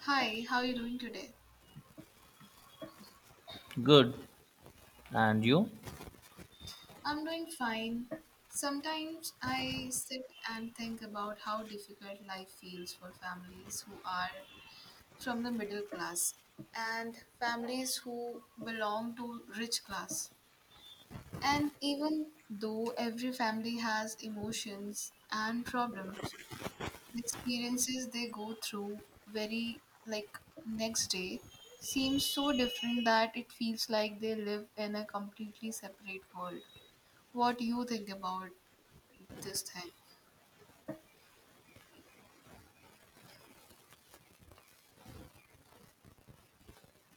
Hi, how are you doing today? Good. And you? I'm doing fine. Sometimes I sit and think about how difficult life feels for families who are from the middle class and families who belong to rich class. And even though every family has emotions and problems, the experiences they go through very like next day seems so different that it feels like they live in a completely separate world. What do you think about this thing?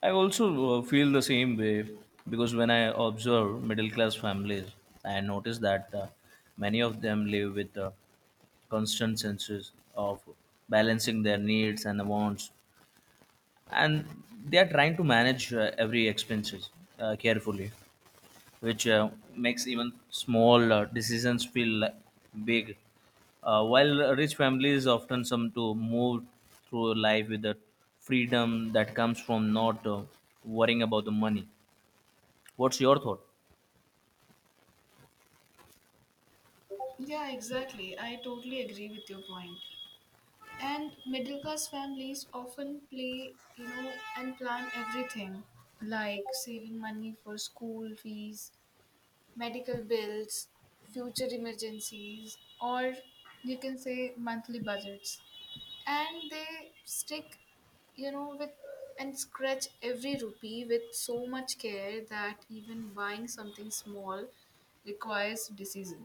I also feel the same way because when I observe middle class families, I notice that many of them live with a constant senses of balancing their needs and wants, and they are trying to manage every expenses carefully. Which makes even small decisions feel like big. While rich families often seem to move through life with the freedom that comes from not worrying about the money. What's your thought? Yeah, exactly. I totally agree with your point. And middle class families often play, and plan everything like saving money for school fees, medical bills, future emergencies, or you can say monthly budgets. And they stick with and scratch every rupee with so much care that even buying something small requires decision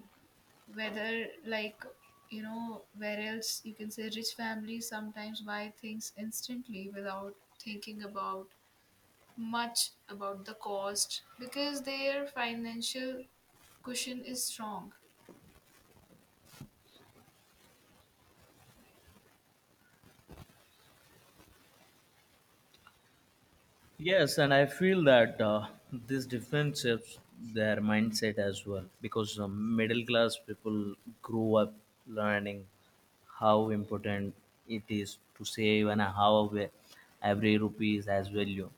whether like where else you can say rich families sometimes buy things instantly without thinking about much about the cost because their financial cushion is strong. Yes, and I feel that this difference shapes their mindset as well because middle class people grew up learning how important it is to save and how aware every rupee is as value.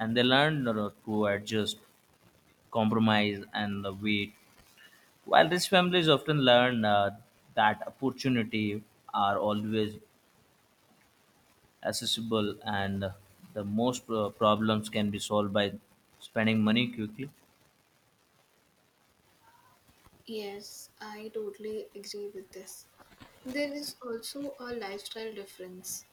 And they learn to adjust, compromise, and the wait. While these families often learn that opportunity are always accessible and the most problems can be solved by spending money quickly. Yes, I totally agree with this. There is also a lifestyle difference,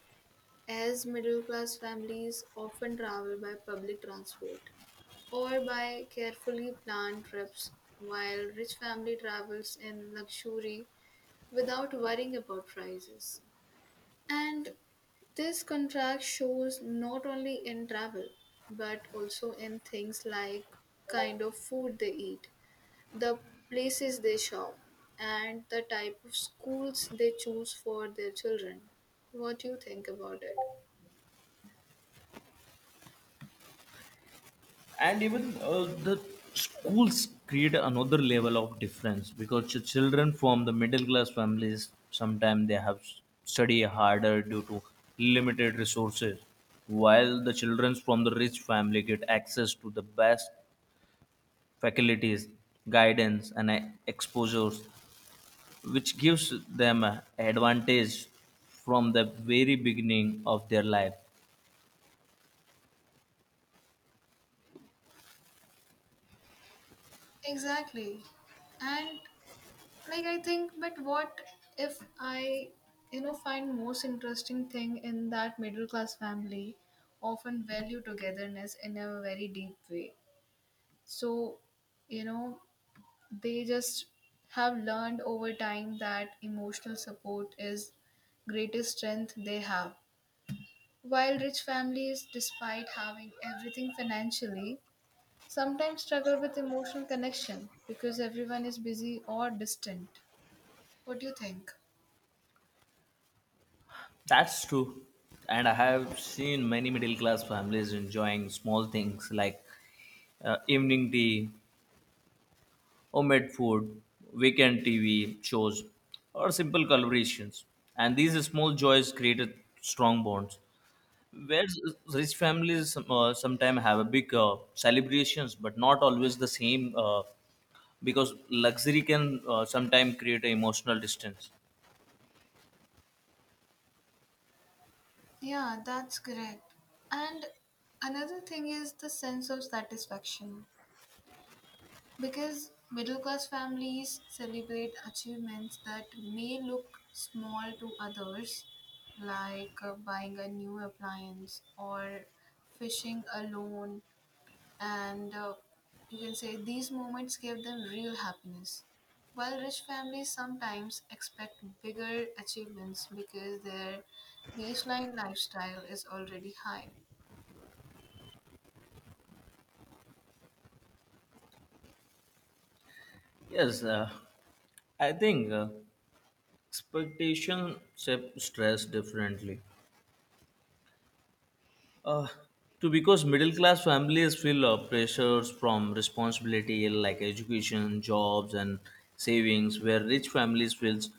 as middle class families often travel by public transport or by carefully planned trips, while rich family travels in luxury without worrying about prices. And this contrast shows not only in travel but also in things like kind of food they eat, the places they shop, and the type of schools they choose for their children. What do you think about it? And even the schools create another level of difference because the children from the middle class families sometimes they have study harder due to limited resources, while the children from the rich family get access to the best faculties guidance and exposures, which gives them a advantage from the very beginning of their life. Exactly. And like I think, but what if I, you know, find most interesting thing in that middle class family often value togetherness in a very deep way. So, you know, they just have learned over time that emotional support is greatest strength they have. While rich families, despite having everything financially, sometimes struggle with emotional connection because everyone is busy or distant. What do you think? That's true. And I have seen many middle class families enjoying small things like evening tea, homemade food, weekend TV shows, or simple collaborations. And these small joys created strong bonds. Whereas rich families sometimes have a big celebrations, but not always the same. Because luxury can sometimes create an emotional distance. Yeah, that's correct. And another thing is the sense of satisfaction. Because middle class families celebrate achievements that may look small to others, like buying a new appliance or fishing alone, and you can say these moments give them real happiness. While rich families sometimes expect bigger achievements because their baseline lifestyle is already high. Yes, I think expectation shape stress differently uh, to, because middle class families feel pressures from responsibility like education jobs and savings, where rich families feels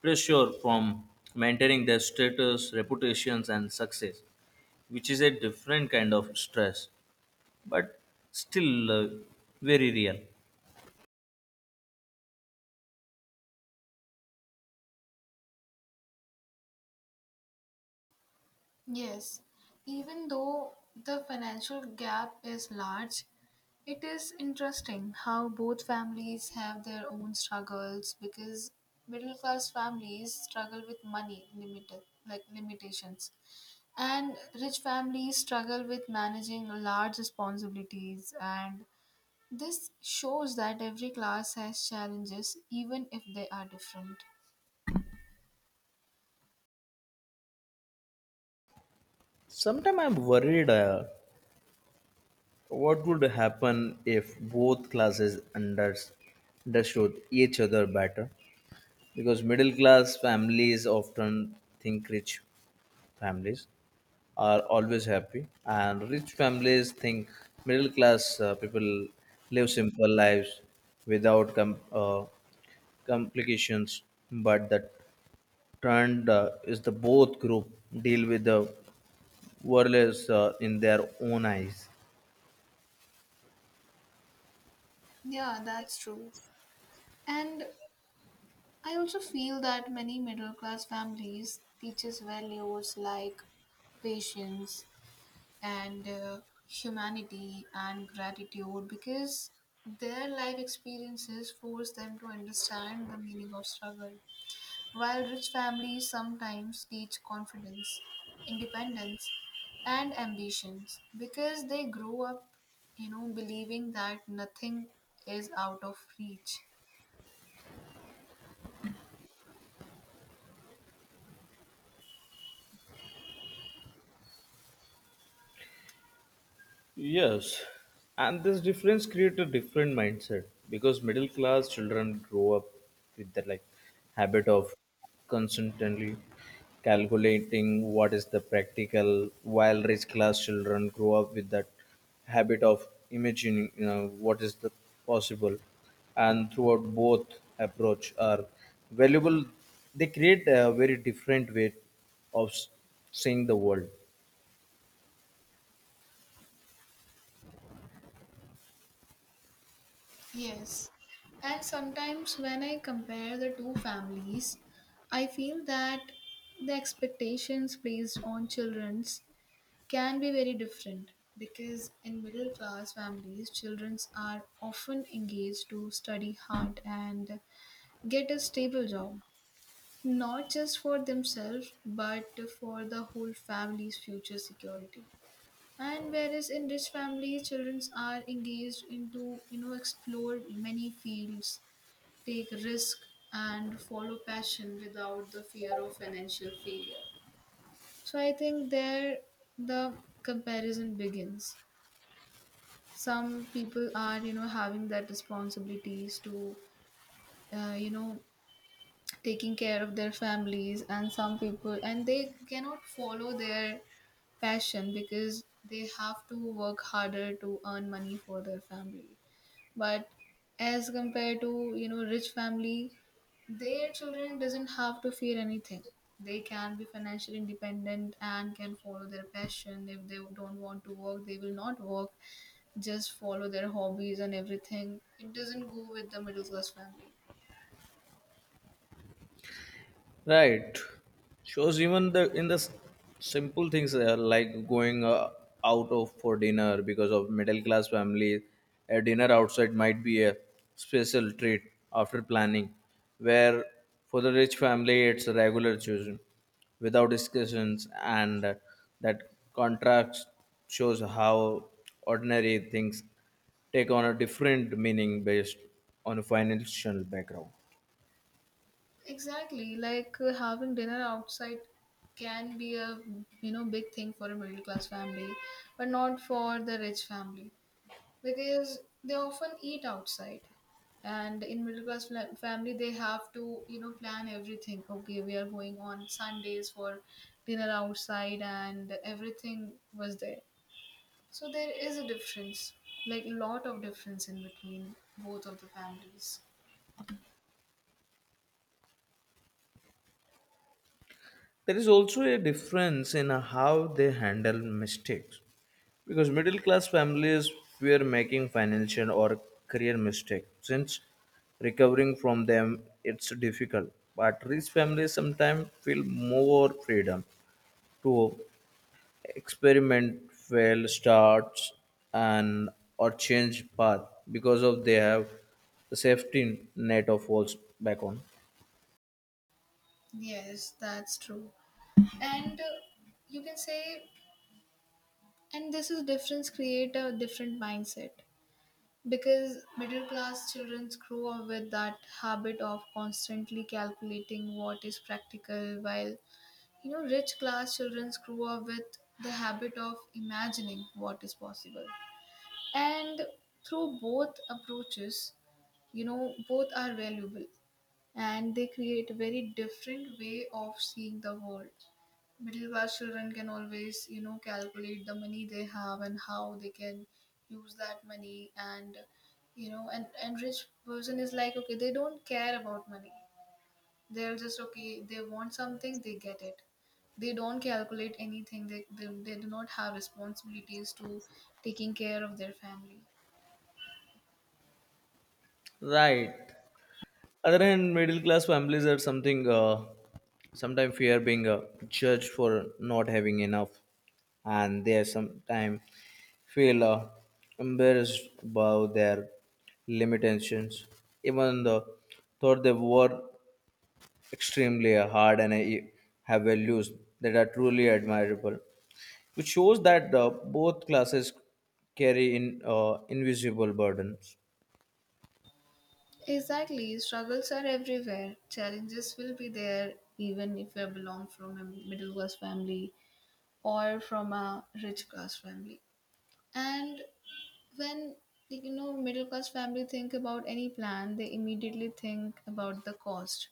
pressure from maintaining their status reputations and success, which is a different kind of stress, but still very real. Yes, even though the financial gap is large, it is interesting how both families have their own struggles because middle class families struggle with money limited like limitations, and rich families struggle with managing large responsibilities. And this shows that every class has challenges even if they are different. Sometimes I'm worried what would happen if both classes understood each other better, because middle class families often think rich families are always happy, and rich families think middle class people live simple lives without complications. But the trend is the both group deal with the world is in their own eyes. Yeah, that's true. And I also feel that many middle class families teaches values like patience and humanity and gratitude because their life experiences force them to understand the meaning of struggle, while rich families sometimes teach confidence, independence, and ambitions because they grow up you know believing that nothing is out of reach. Yes, and this difference creates a different mindset because middle class children grow up with the like habit of constantly calculating what is the practical, while rich class children grow up with that habit of imagining what is the possible, and throughout both approach are valuable. They create a very different way of seeing the world. Yes, and sometimes when I compare the two families, I feel that the expectations placed on children's can be very different because in middle class families, children are often engaged to study hard and get a stable job, not just for themselves but for the whole family's future security. And whereas in rich families, children are engaged into, you know, explore many fields, take risk, and follow passion without the fear of financial failure. So I think there the comparison begins. Some people are you know having that responsibilities to you know taking care of their families, and some people and they cannot follow their passion because they have to work harder to earn money for their family. But as compared to you know rich family, their children doesn't have to fear anything. They can be financially independent and can follow their passion. If they don't want to work, they will not work. Just follow their hobbies and everything. It doesn't go with the middle class family. Right. Shows even the in the simple things like going out of for dinner, because of middle class family, a dinner outside might be a special treat after planning, where for the rich family it's a regular choosing without discussions and that contrast shows how ordinary things take on a different meaning based on a financial background. Exactly, like having dinner outside can be a you know big thing for a middle class family but not for the rich family because they often eat outside. And in middle class family they have to you know plan everything. Okay, we are going on Sundays for dinner outside and everything was there. So there is a difference, like a lot of difference in between both of the families. There is also a difference in how they handle mistakes, because middle class families fear making financial or career mistakes since recovering from them it's difficult, but rich families sometimes feel more freedom to experiment fail start, and or change path because of they have the safety net of falls back on. Yes, that's true. And you can say, and this is difference create a different mindset. Because middle class children grow up with that habit of constantly calculating what is practical, while you know rich class children grow up with the habit of imagining what is possible. And through both approaches, you know, both are valuable and they create a very different way of seeing the world. Middle class children can always you know calculate the money they have and how they can use that money. And you know and rich person is like okay they don't care about money. They're just okay, they want something they get it. They don't calculate anything. They do not have responsibilities to taking care of their family. Right. Other hand middle class families are something sometimes fear being judged for not having enough, and they sometimes feel embarrassed about their limitations, even the thought they work extremely hard and have values that are truly admirable, which shows that both classes carry in invisible burdens. Exactly, struggles are everywhere. Challenges will be there even if you belong from a middle class family or from a rich class family. And when, like, you know middle class family think about any plan, they immediately think about the cost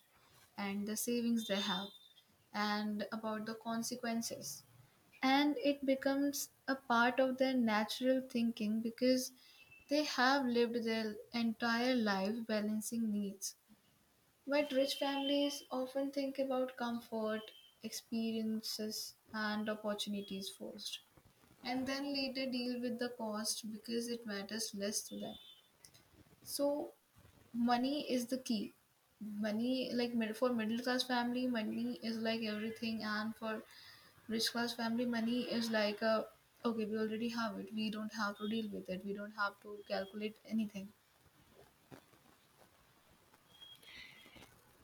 and the savings they have and about the consequences. And it becomes a part of their natural thinking because they have lived their entire life balancing needs, but rich families often think about comfort, experiences, and opportunities first, and then later deal with the cost because it matters less to them. So, money is the key. Money, like for middle class family, money is like everything, and for rich class family, money is like a okay, we already have it, we don't have to deal with it, we don't have to calculate anything.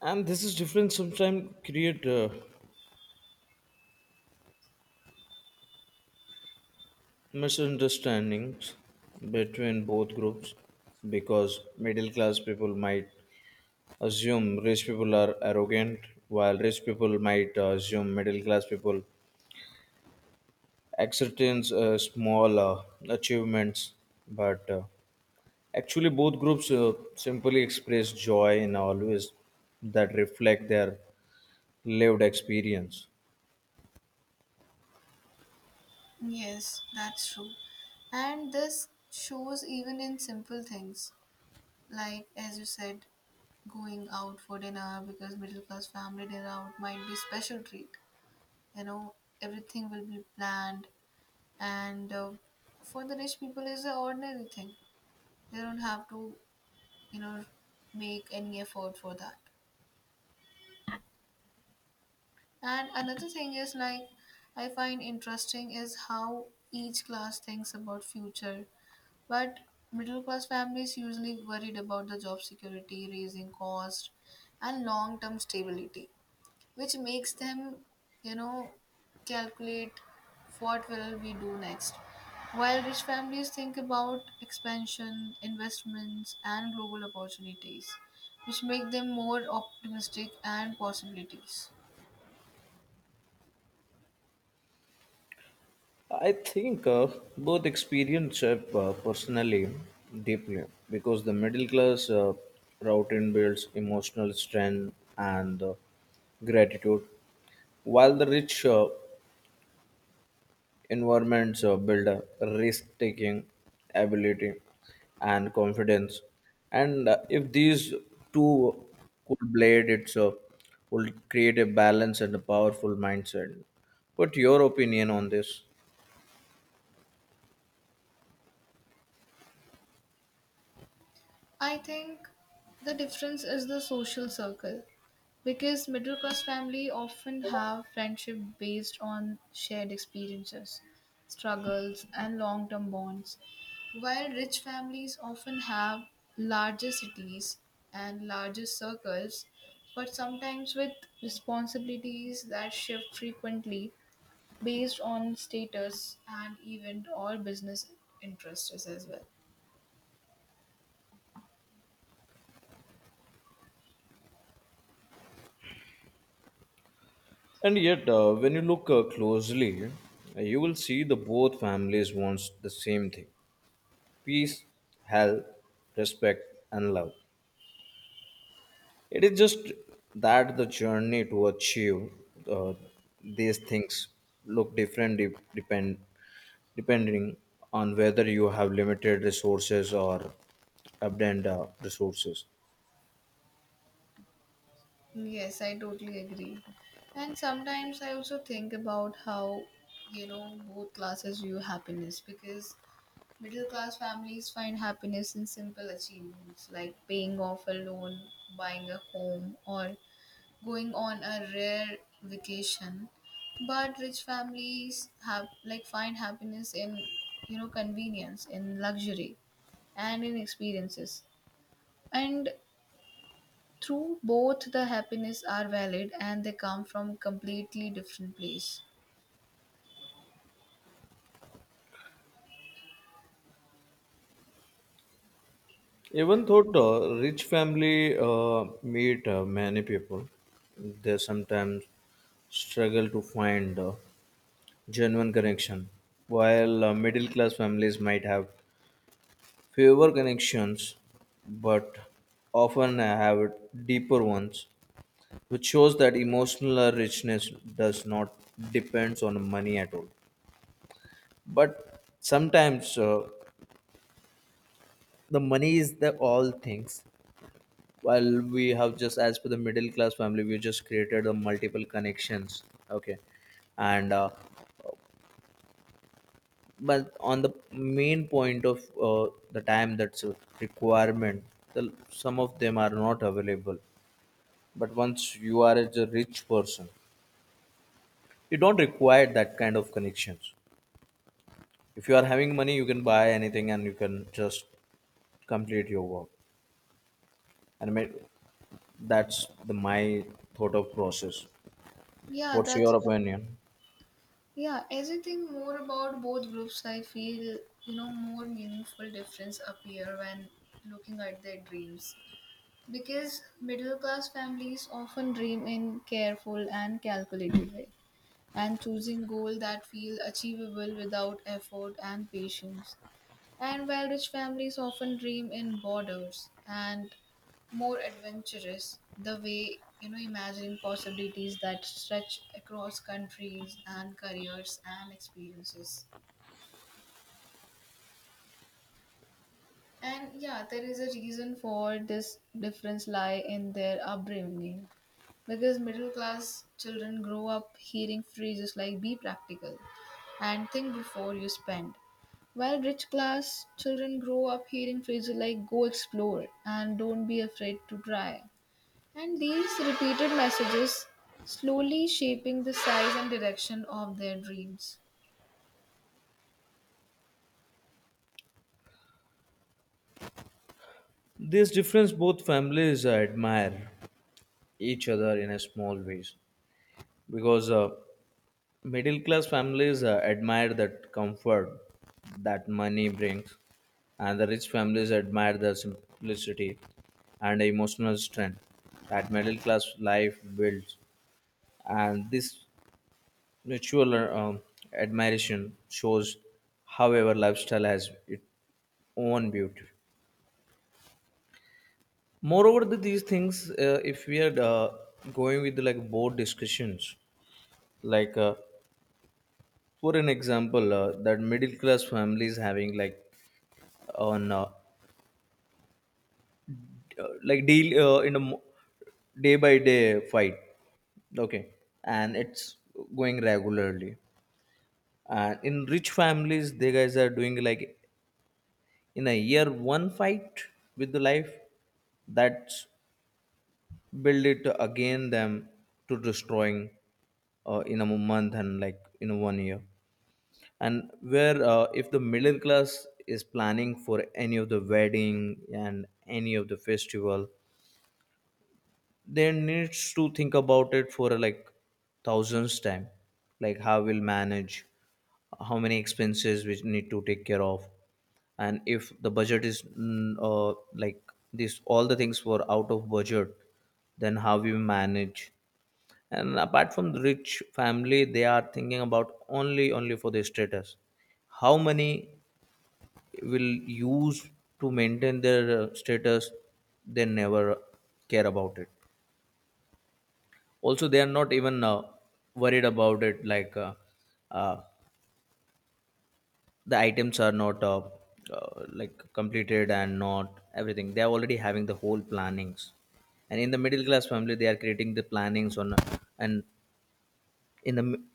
And this is different sometimes create misunderstandings between both groups, because middle class people might assume rich people are arrogant, while rich people might assume middle class people acceptance small achievements. But actually both groups simply express joy in always that reflect their lived experience. Yes, that's true. And this shows even in simple things. Like as you said, going out for dinner because middle class family dinner out might be special treat. You know, everything will be planned, and for the rich people is an ordinary thing. They don't have to, you know, make any effort for that. And another thing is like I find interesting is how each class thinks about future. But middle class families usually worried about the job security, raising cost, and long term stability, which makes them, you know, calculate what will we do next. While rich families think about expansion, investments, and global opportunities, which make them more optimistic and possibilities. I think both experience shape personally deeply, because the middle class routine builds emotional strength and gratitude, while the rich environments build risk taking ability and confidence. And if these two could blade, it's will create a balance and a powerful mindset. What your opinion on this? I think the difference is the social circle. Because middle class family often have friendship based on shared experiences, struggles, and long term bonds, while rich families often have larger cities and larger circles, but sometimes with responsibilities that shift frequently based on status and event or business interests as well. And yet, when you look closely, you will see the both families wants the same thing: peace, health, respect, and love. It is just that the journey to achieve uh, these things look different depending on whether you have limited resources or abundant resources. Yes, I totally agree. And sometimes I also think about how, you know, both classes view happiness because middle class families find happiness in simple achievements like paying off a loan, buying a home, or going on a rare vacation. But rich families have like find happiness in, you know, convenience, in luxury, and in experiences. And true, both the happiness are valid and they come from completely different place. Even though rich family meet many people, they sometimes struggle to find genuine connection. While middle class families might have fewer connections, but often have deeper ones, which shows that emotional richness does not depends on money at all. But sometimes the money is the all things. Well we have just as per the middle class family we just created a multiple connections, okay, and but on the main point of the time that's a requirement, some of them are not available. But once you are as a rich person, you don't require that kind of connections. If you are having money you can buy anything and you can just complete your work. And I mean, that's the my thought of process. Yeah, What's that's your opinion? yeah, as you think more about both groups, I feel you know more meaningful difference appear when looking at their dreams. Because middle class families often dream in careful and calculated way and choosing goal that feel achievable without effort and patience. And while rich families often dream in borders and more adventurous, the way you know imagining possibilities that stretch across countries and careers and experiences. And yeah, there is a reason for this difference lie in their upbringing because middle class children grow up hearing phrases like be practical and think before you spend. While rich class children grow up hearing phrases like go explore and don't be afraid to try. And these repeated messages slowly shaping the size and direction of their dreams. This difference, both families admire each other in a small ways, because middle class families admire that comfort that money brings, and the rich families admire the simplicity and emotional strength that middle class life builds. And this mutual admiration shows, however, lifestyle has its own beauty. Moreover these things if we are going with like board discussions, like for an example that middle class families having like on like deal in a day by day fight, okay, and it's going regularly. And in rich families they guys are doing like in a year one fight with the life, that's build it again them to destroying in a month and like in one year. And where if the middle class is planning for any of the wedding and any of the festival, they needs to think about it for like thousands time, like how we'll manage, how many expenses we need to take care of, and if the budget is like this all the things were out of budget, then how we manage. And apart from the rich family they are thinking about only for their status, how many will use to maintain their status. They never care about it. Also they are not even worried about it, like uh, the items are not like completed and not everything, they are already having the whole plannings. And in the middle class family they are creating the plannings on, and in the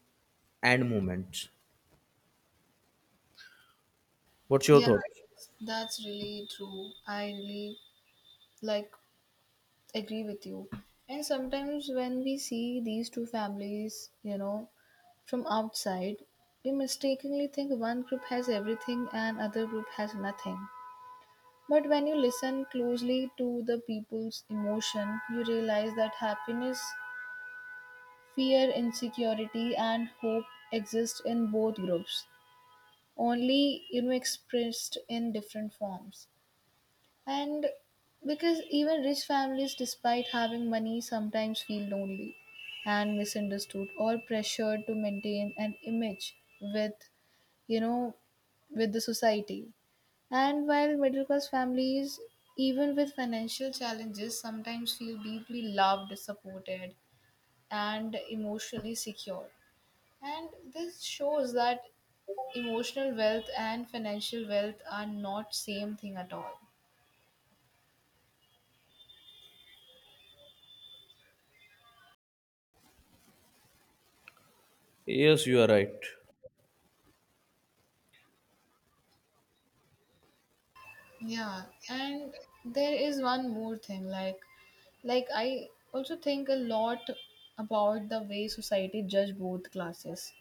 end moment. What's your Yeah, thought? that's really true. I really like agree with you. And sometimes when we see these two families, you know, from outside, we mistakenly think one group has everything and other group has nothing. But when you listen closely to the people's emotion, you realize that happiness, fear, insecurity, and hope exist in both groups, only you know expressed in different forms. And because even rich families, despite having money, sometimes feel lonely and misunderstood or pressured to maintain an image with, you know, with the society. And while middle class families, even with financial challenges, sometimes feel deeply loved, supported, and emotionally secure. And this shows that emotional wealth and financial wealth are not same thing at all. Yes, you are right. Yeah, and there is one more thing like I also think a lot about the way society judge both classes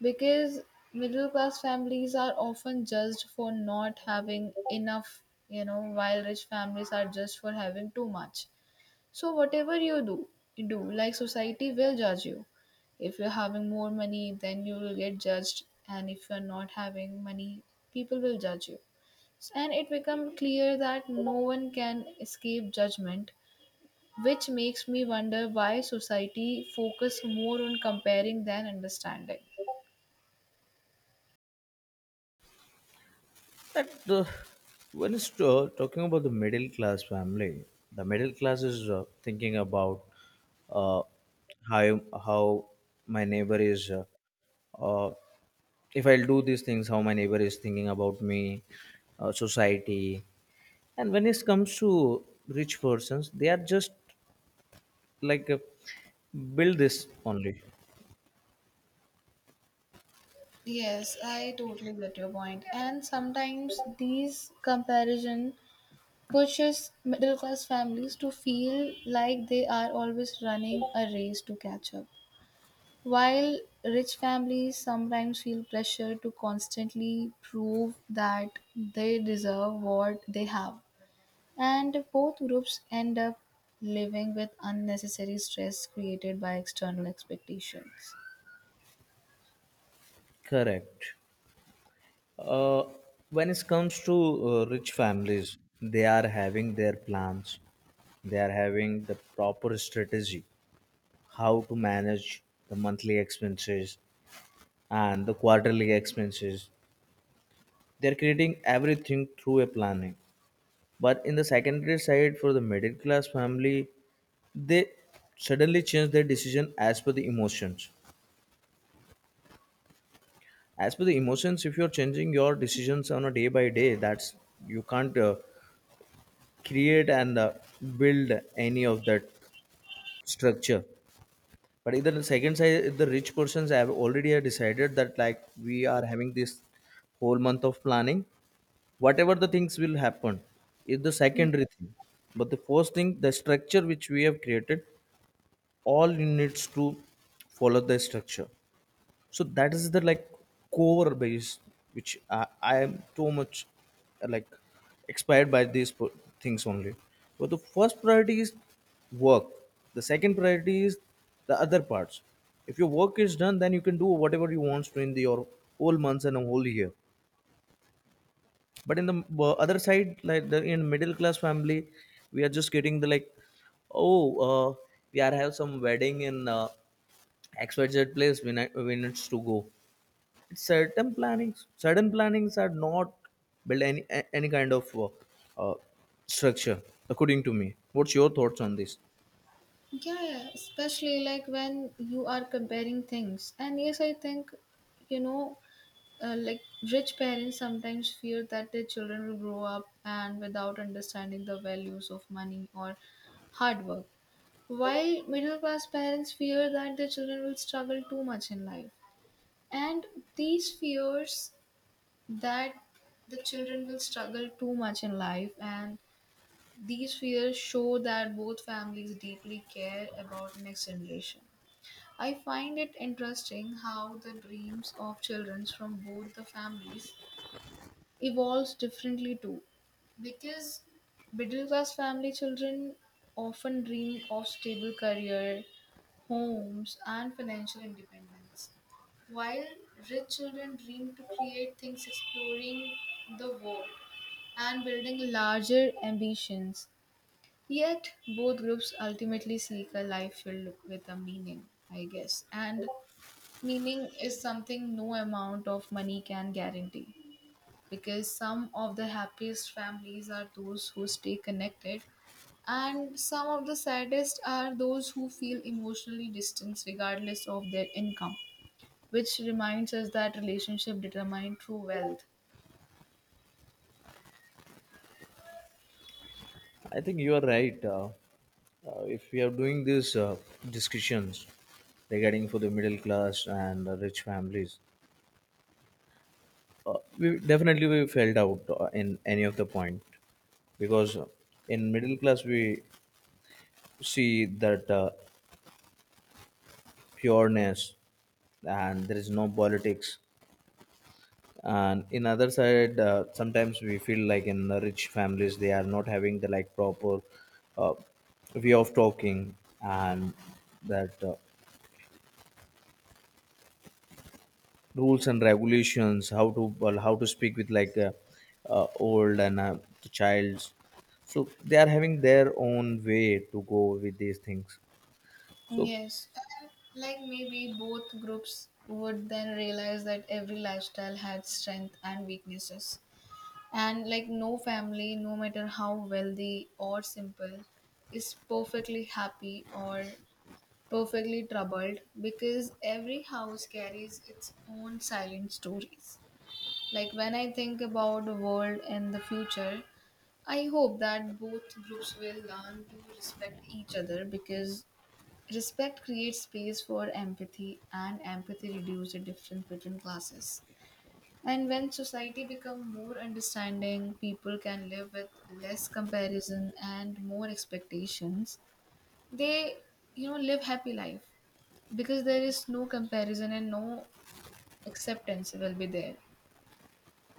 because middle class families are often judged for not having enough, you know, while rich families are judged for having too much. So whatever you do, you do, like, society will judge you. If you're having more money, then you will get judged, and if you're not having money, people will judge you. And it become clear that no one can escape judgment, which makes me wonder why society focus more on comparing than understanding. That when it's talking about the middle class family, the middle class is thinking about uh, how how my neighbor is. Uh, if I'll do these things, how my neighbor is thinking about me, society, and when it comes to rich persons, they are just like build this only. Yes, I totally get your point. And sometimes these comparison pushes middle class families to feel like they are always running a race to catch up. While rich families sometimes feel pressure to constantly prove that they deserve what they have. And both groups end up living with unnecessary stress created by external expectations. Correct. Uh, when it comes to rich families, they are having their plans. They are having the proper strategy how to manage the monthly expenses and the quarterly expenses. They are creating everything through a planning. But in the secondary side, for the middle class family, they suddenly change their decision as per the emotions. If you're changing your decisions on a day by day, that's you can't create and build any of that structure. But either the second side, if the rich persons have already have decided that like we are having this whole month of planning, whatever the things will happen is the secondary thing. But the first thing the structure which we have created all needs to follow the structure. So that is the like core base, which I am too much like expired by these things only. But the first priority is work, the second priority is the other parts. If your work is done then you can do whatever you want to in the your whole months and a whole year. But in the other side like the in middle class family we are just getting the like, oh we are have some wedding in xyz place, we need to go. Certain plannings are not built any any kind of uh, structure according to me. What's your thoughts on this? Yeah, yeah, especially like when you are comparing things. And yes, I think, you know, like, rich parents sometimes fear that their children will grow up and without understanding the values of money or hard work. While middle class parents fear that their children will struggle too much in life. And these fears, that the children will struggle too much in life, and these fears show that both families deeply care about next generation. I find it interesting how the dreams of children from both the families evolves differently too, because middle class family children often dream of stable career, homes and financial independence, while rich children dream to create things, exploring the world and building larger ambitions. Yet, both groups ultimately seek a life filled with a meaning, I guess. And meaning is something no amount of money can guarantee. Because some of the happiest families are those who stay connected, and some of the saddest are those who feel emotionally distanced regardless of their income, which reminds us that relationship determine true wealth. I think you are right if we are doing these discussions regarding for the middle class and the rich families, we definitely we felt out in any of the point, because in middle class we see that pureness and there is no politics, and in other side sometimes we feel like in the rich families they are not having the like proper uh, way of talking, and that rules and regulations how to well, how to speak with like old and the childs. So they are having their own way to go with these things so. Yes, and like maybe both groups would then realize that every lifestyle had strength and weaknesses. And like no family, no matter how wealthy or simple, is perfectly happy or perfectly troubled, because every house carries its own silent stories. Like when I think about the world in the future, I hope that both groups will learn to respect each other, because respect creates space for empathy, and empathy reduces the difference between classes. And when society becomes more understanding, people can live with less comparison and more expectations. They, you know, live happy life, because there is no comparison and no acceptance will be there.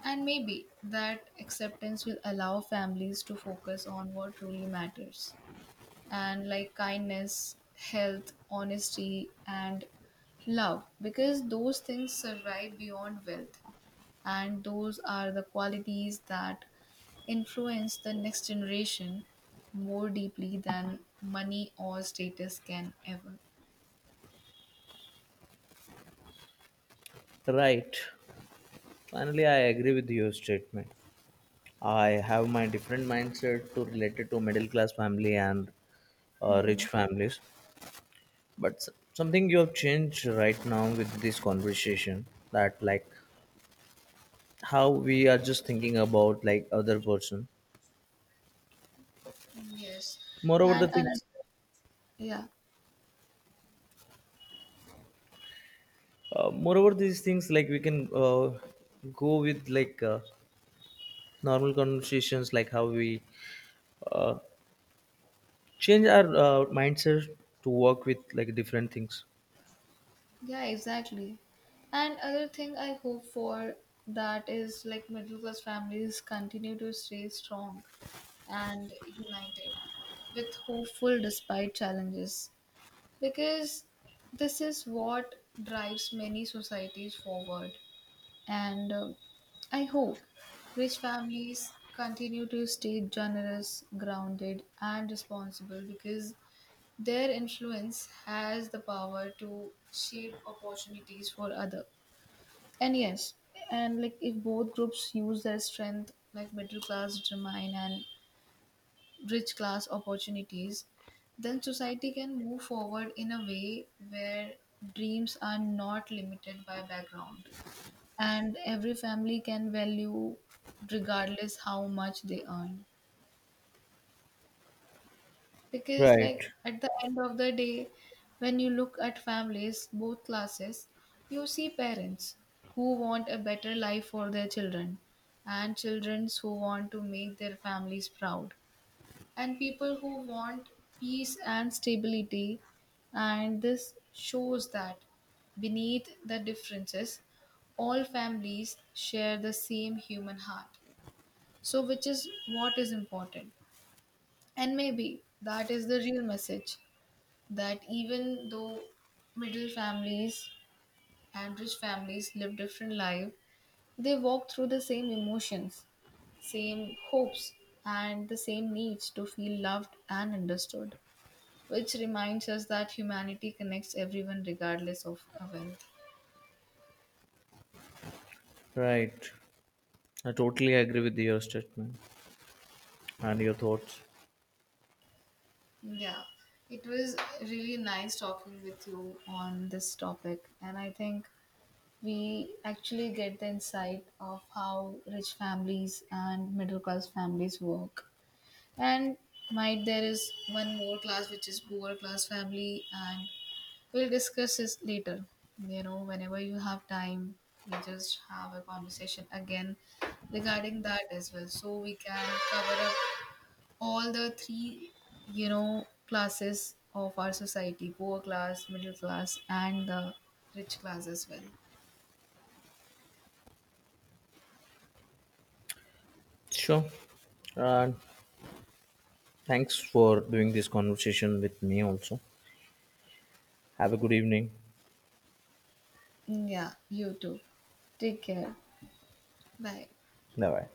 And maybe that acceptance will allow families to focus on what truly matters, and like kindness, health, honesty, and love, because those things survive beyond wealth, and those are the qualities that influence the next generation more deeply than money or status can ever. Right. Finally I agree with your statement. I have my different mindset to related to middle class family and rich Mhm. families. But something you have changed right now with this conversation, that like how we are just thinking about like other person. Yes, Moreover, the and another, things, yeah, moreover these things like we can go with like normal conversations like how we uh, change our mindset to work with like different things. yeah, exactly. And other thing I hope for, that is like middle class families continue to stay strong and united with hopeful despite challenges, because this is what drives many societies forward. And I hope rich families continue to stay generous, grounded and responsible, because their influence has the power to shape opportunities for other. And yes, and like if both groups use their strength, like middle class determine and rich class opportunities, then society can move forward in a way where dreams are not limited by background and every family can value regardless how much they earn. Because like Right. at the end of the day, when you look at families, both classes, you see parents who want a better life for their children, and children who want to make their families proud, and people who want peace and stability. And this shows that beneath the differences, all families share the same human heart. So, which is what is important. And maybe that is the real message, that even though middle families and rich families live different lives, they walk through the same emotions, same hopes, and the same needs to feel loved and understood, which reminds us that humanity connects everyone regardless of a wealth. Right. I totally agree with your statement and your thoughts. Yeah, it was really nice talking with you on this topic, and I think we actually get the insight of how rich families and middle class families work. And might there is one more class which is poor class family, and we'll discuss this later. You know, whenever you have time, we just have a conversation again regarding that as well. So we can cover up all the three, you know, classes of our society, poor class, middle class, and the rich class as well. Sure. And thanks for doing this conversation with me also. Have a good evening. Yeah, you too. Take care. Bye. Bye bye.